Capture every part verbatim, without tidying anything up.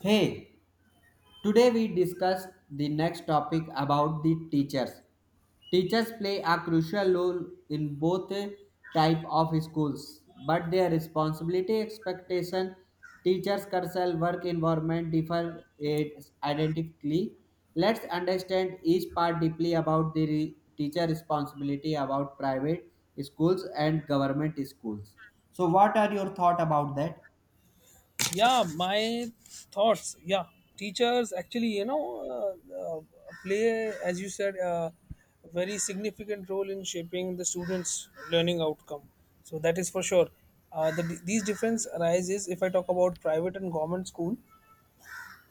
Hey, today we discuss the next topic about the teachers. Teachers play a crucial role in both type of schools, but their responsibility expectation teachers curriculum work environment differ it identically. Let's understand each part deeply about the re- teacher responsibility about private schools and government schools. So what are your thought about that? yeah my thoughts yeah teachers actually you know uh, uh, play as you said a very significant role in shaping the students learning outcome, so that is for sure. Uh, the, these difference arises if I talk about private and government school.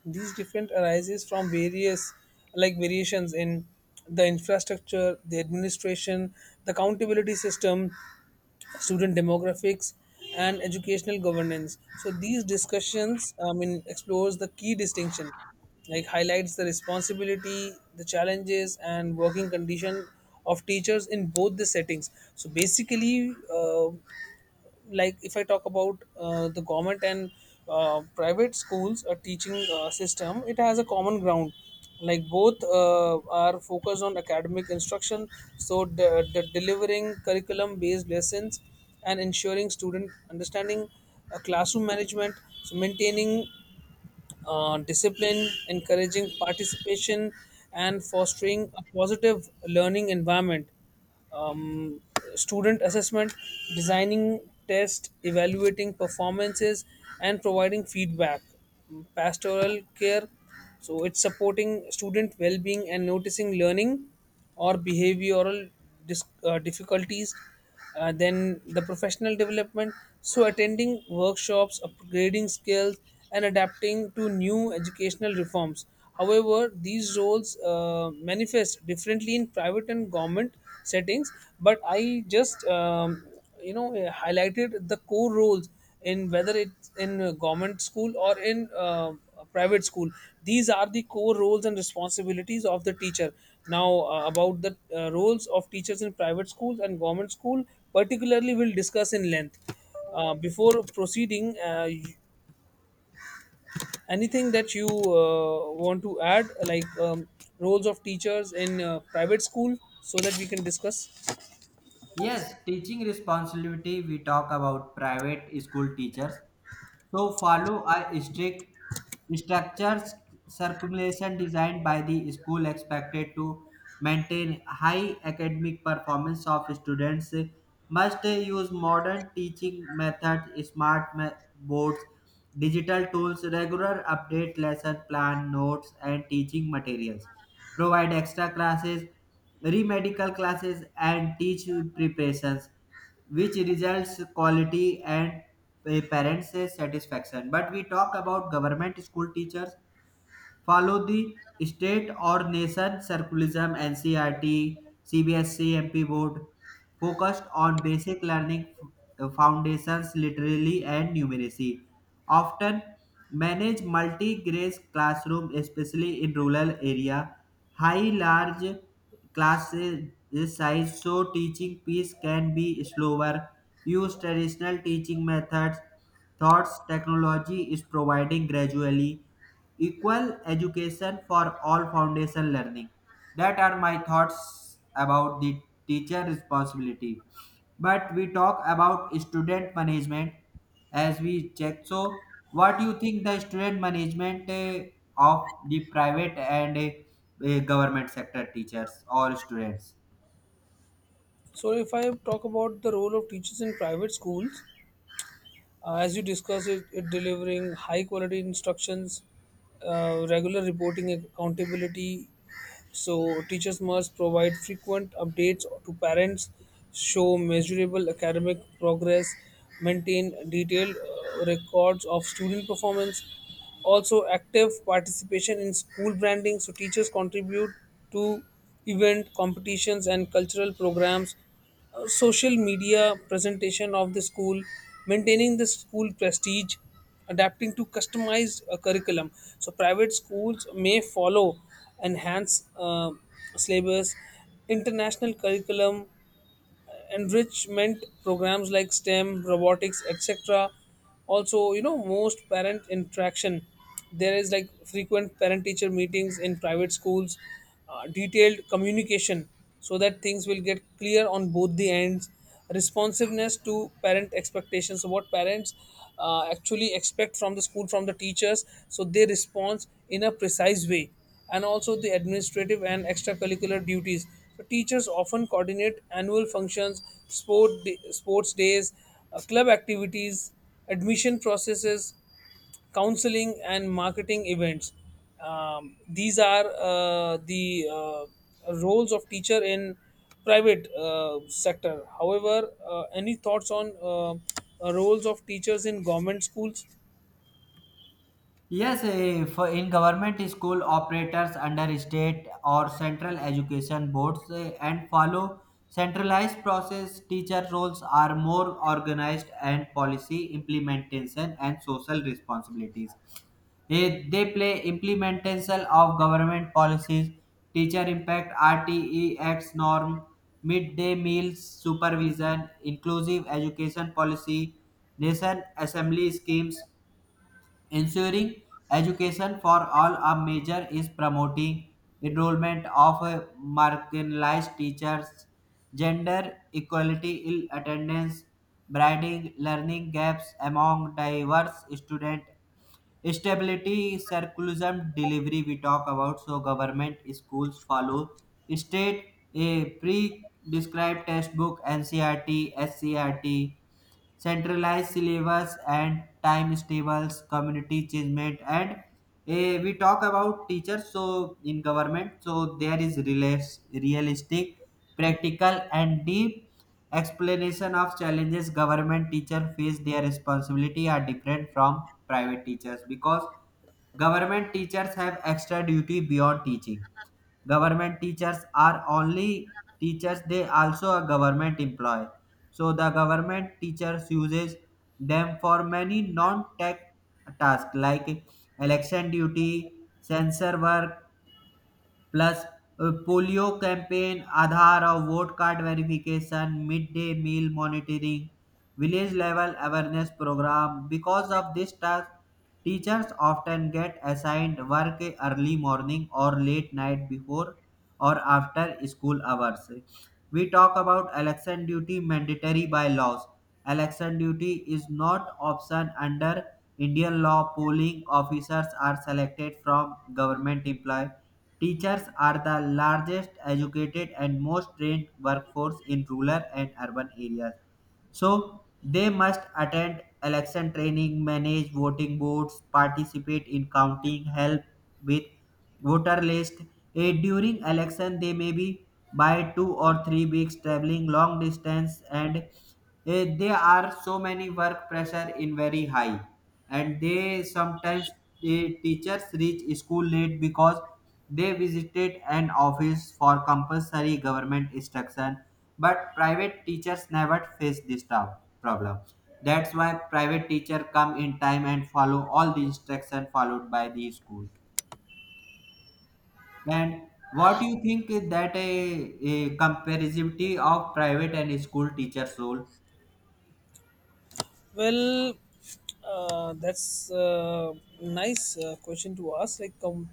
These different arises from various, like variations in the infrastructure, the administration, the accountability system, student demographics, and educational governance. So these discussions, I mean, explores the key distinction, like highlights the responsibility, the challenges and working condition of teachers in both the settings. So basically, uh, like if I talk about uh, the government and uh, private schools uh, teaching uh, system, it has a common ground. Like both uh, are focused on academic instruction, so the, the delivering curriculum based lessons and ensuring student understanding, uh, classroom management, so maintaining uh, discipline, encouraging participation, and fostering a positive learning environment, um, student assessment, designing tests, evaluating performances, and providing feedback. Pastoral care, so it's supporting student well-being and noticing learning or behavioral dis- uh, difficulties, uh, then the professional development, so attending workshops, upgrading skills, and adapting to new educational reforms. However, these roles uh, manifest differently in private and government settings. But I just um, you know uh, highlighted the core roles, in whether it's in uh, government school or in uh, a private school, these are the core roles and responsibilities of the teacher. Now, uh, about the uh, roles of teachers in private schools and government school particularly, we'll discuss in length. Uh, before proceeding, uh, y- anything that you uh, want to add, like um, roles of teachers in uh, private school, so that we can discuss. Yes, teaching responsibility. We talk about private school teachers. So follow a strict structures circulation designed by the school expected to maintain high academic performance of students must use modern teaching methods smart me- boards digital tools regular update lesson plan notes and teaching materials provide extra classes remedical classes and teach preparations which results quality and pa- parents' satisfaction. But we talk about government school teachers follow the state or nation circularism ncrt cbsc mp board focused on basic learning f- uh, foundations literally and numeracy often manage multi-grade classroom especially in rural area high large classes size so teaching piece can be slower use traditional teaching methods. Thoughts technology is providing gradually equal education for all foundation learning. That are my thoughts about the teacher responsibility. But we talk about student management as we check. So, what do you think the student management eh, of the private and eh, eh, government sector teachers or students? So if I talk about the role of teachers in private schools, Uh, as you discussed, it, it delivering high quality instructions, uh, regular reporting accountability. So teachers must provide frequent updates to parents, show measurable academic progress, maintain detailed uh, records of student performance. Also, active participation in school branding. So teachers contribute to event competitions and cultural programs, uh, social media presentation of the school, maintaining the school prestige, adapting to customized uh, curriculum. So private schools may follow enhanced uh, syllabus, international curriculum, enrichment programs like STEM, robotics, et cetera. Also, you know, most parent interaction. There is like frequent parent teacher meetings in private schools, uh, detailed communication, so that things will get clear on both the ends, responsiveness to parent expectations. So, what parents uh, actually expect from the school, from the teachers, so they respond in a precise way. And also the administrative and extracurricular duties. So teachers often coordinate annual functions, sport sports days, uh, club activities, admission processes, counseling and marketing events. Um, these are uh, the uh, roles of teacher in private uh, sector. However, uh, any thoughts on uh, uh, roles of teachers in government schools? Yes, eh, for in government school operators under state or central education boards eh, and follow centralized process, teacher roles are more organized and policy implementation and social responsibilities. Eh, they play implementation of government policies, teacher impact, R T E acts norm, midday meals supervision, inclusive education policy, nation assembly schemes ensuring education for all a measure is promoting enrollment of uh, marginalized teachers, gender equality in attendance, bridging learning gaps among diverse students, stability, circularism, delivery we talk about. So government schools follow state a pre-described textbook, N C R T, S C R T, centralized syllabus and time tables, community achievement, and eh, we talk about teachers. So in government, so there is relas- realistic, practical, and deep explanation of challenges government teacher face their responsibility are different from private teachers because government teachers have extra duty beyond teaching. Government teachers are only teachers, they also a government employee. So the government teachers uses them for many non-tech tasks like election duty, censor work, plus, polio campaign Aadhaar और vote card verification mid day meal monitoring village level awareness program because of this task teachers often get assigned work early morning or late night before or after school hours we talk about election duty mandatory by laws election duty is not option under indian law polling officers are selected from government employee. Teachers are the largest educated and most trained workforce in rural and urban areas. So they must attend election training, manage voting boards, participate in counting, help with voter list. Eh, during election, they may be by two or three weeks traveling long distance, and eh, there are so many work pressure in very high, and they sometimes the teachers reach school late because they visited an office for compulsory government instruction, but private teachers never face this prob- problem. That's why private teacher come in time and follow all the instruction followed by the school. And what do you think is that a, a comparativity of private and school teachers role? Well, uh, that's a nice uh, question to ask. Like, um,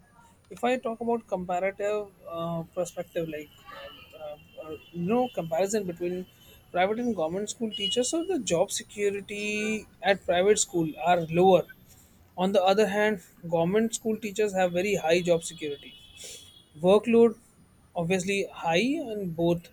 if I talk about comparative uh, perspective, like, uh, uh, you know, comparison between private and government school teachers, so the job security at private school are lower. On the other hand, government school teachers have very high job security. Workload, obviously high on both,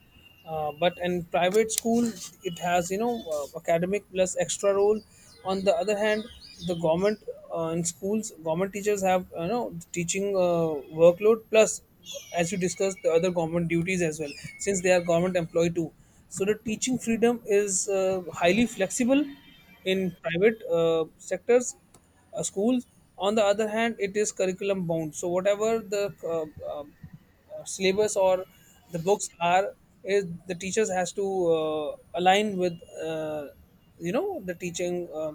uh, but in private school it has, you know, uh, academic plus extra role. On the other hand, the government, uh, in schools, government teachers have, you know, teaching uh, workload plus, as you discussed, the other government duties as well, since they are government employee too. So the teaching freedom is uh, highly flexible in private uh, sectors, uh, schools. On the other hand, it is curriculum bound. So whatever the uh, um, uh, syllabus or the books are, is the teachers has to uh, align with uh, you know the teaching uh,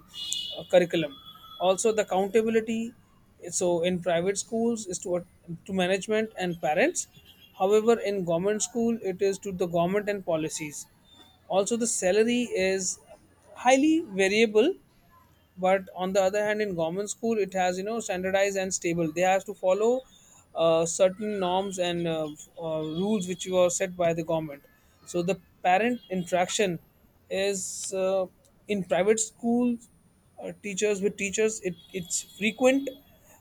uh, curriculum. Also, the accountability. So in private schools is to to management and parents. However, in government school, it is to the government and policies. Also, the salary is highly variable, but on the other hand, in government school it has, you know, standardized and stable. They have to follow uh, certain norms and uh, uh, rules which were set by the government. So the parent interaction is uh, in private schools, uh, teachers with teachers, it, it's frequent,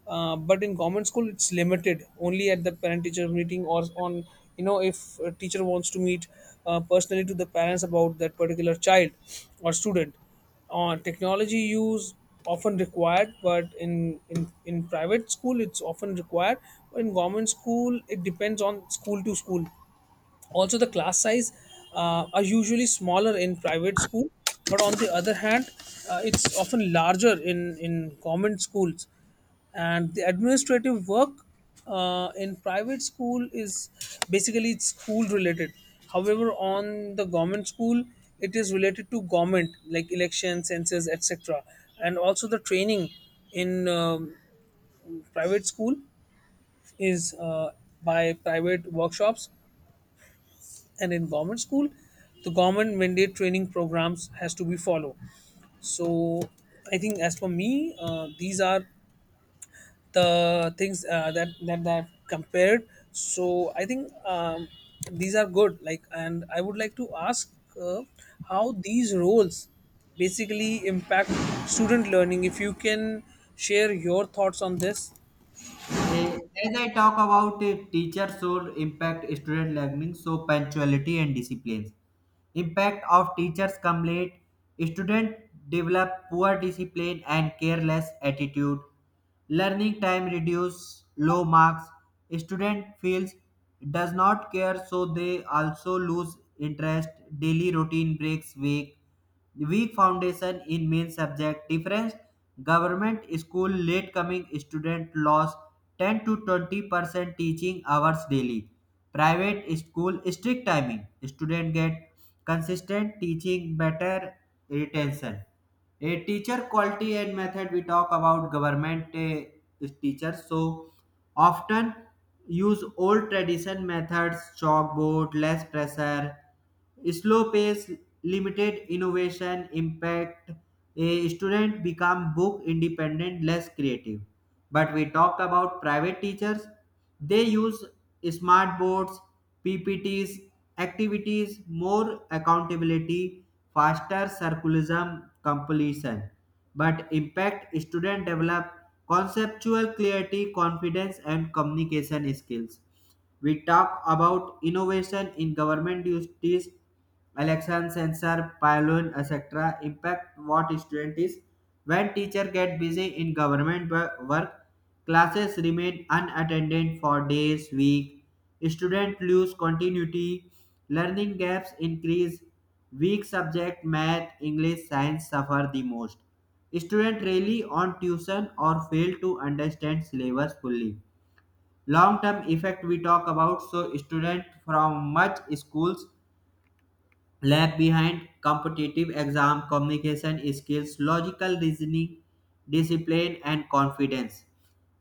uh, but in government school it's limited only at the parent teacher meeting, or on, you know, if a teacher wants to meet uh, personally to the parents about that particular child or student. On technology use, often required, but in, in in private school it's often required, but in government school it depends on school to school. Also, the class size uh, are usually smaller in private school, but on the other hand, uh, it's often larger in in common schools. And the administrative work uh, in private school is basically it's school related, however on the government school it is related to government like election, census, etc. And also the training in um, private school is uh, by private workshops, and in government school the government mandate training programs has to be followed. So I think as for me, uh, these are the things, uh, that that I've compared. So I think, um, these are good, like, and I would like to ask, uh, how these roles basically impact student learning, if you can share your thoughts on this. Eh, as I talk about a teacher's role impact student learning, so punctuality and disciplines. Impact of teachers come late, student develop poor discipline and careless attitude. Learning time reduce, low marks, student feels does not care so they also lose interest, daily routine breaks weak weak foundation in main subject difference government school late coming student loss ten to twenty percent teaching hours daily private school strict timing student get consistent teaching better retention a teacher quality and method we talk about government uh, teachers so often use old tradition methods chalkboard less pressure slow pace, limited innovation impact. A student become book independent, less creative. But we talk about private teachers. They use smart boards, P P Ts, activities, more accountability, faster circularism completion. But impact student develop conceptual clarity, confidence, and communication skills we talk about innovation in government duties, election sensor, pylon, et cetera. Impact what student is. When teacher get busy in government wo- work, classes remain unattended for days, week. Student lose continuity. Learning gaps increase. Weak subject math, English, science suffer the most. Student rely on tuition or fail to understand syllabus fully long term effect we talk about so student from much schools lag behind competitive exam communication skills logical reasoning discipline and confidence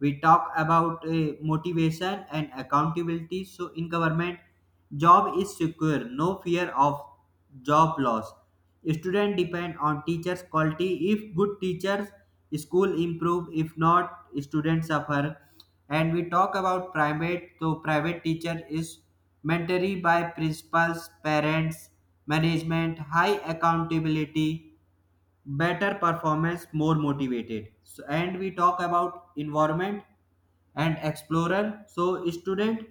we talk about uh, motivation and accountability so in government job is secure no fear of job loss student depend on teachers quality if good teachers school improve if not students suffer and we talk about private so private teacher is mandatory by principals parents management high accountability better performance more motivated so, and we talk about environment and explorer. So student,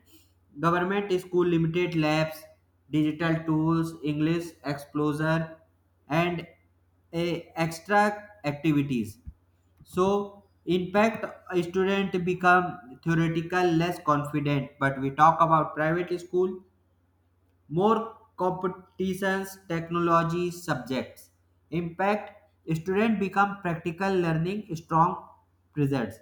government school limited labs, digital tools, English exposure, and a extra activities. So impact a student become theoretical less confident. But we talk about private school more competitions technology subjects impact student become practical learning strong results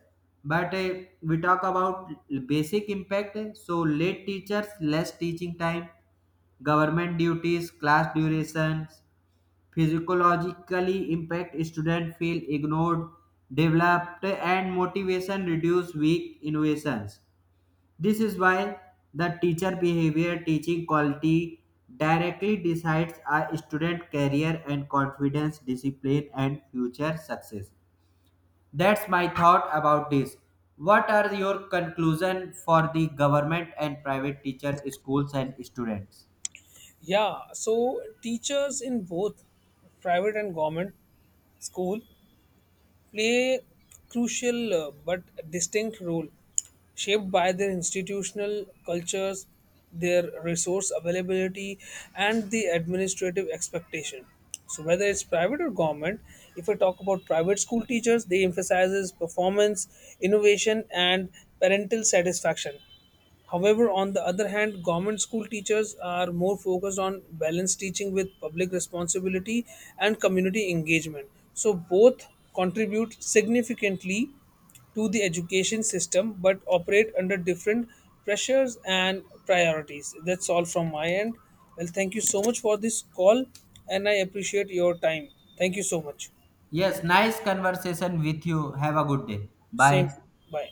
but uh, we talk about basic impact so late teachers less teaching time government duties class durations physiologically impact student feel ignored developed and motivation reduce weak innovations this is why the teacher behavior teaching quality directly decides a student career and confidence, discipline and future success. That's my thought about this. What are your conclusion for the government and private teacher schools and students? Yeah, so teachers in both private and government school play crucial uh, but distinct role, shaped by their institutional cultures, their resource availability, and the administrative expectation. So whether it's private or government, if I talk about private school teachers, they emphasizes performance, innovation, and parental satisfaction. However, on the other hand, government school teachers are more focused on balanced teaching with public responsibility and community engagement. So, both contribute significantly to the education system but operate under different pressures and priorities. That's all from my end. Well, thank you so much for this call and I appreciate your time. Thank you so much. Yes, nice conversation with you. Have a good day. Same. Bye. Bye.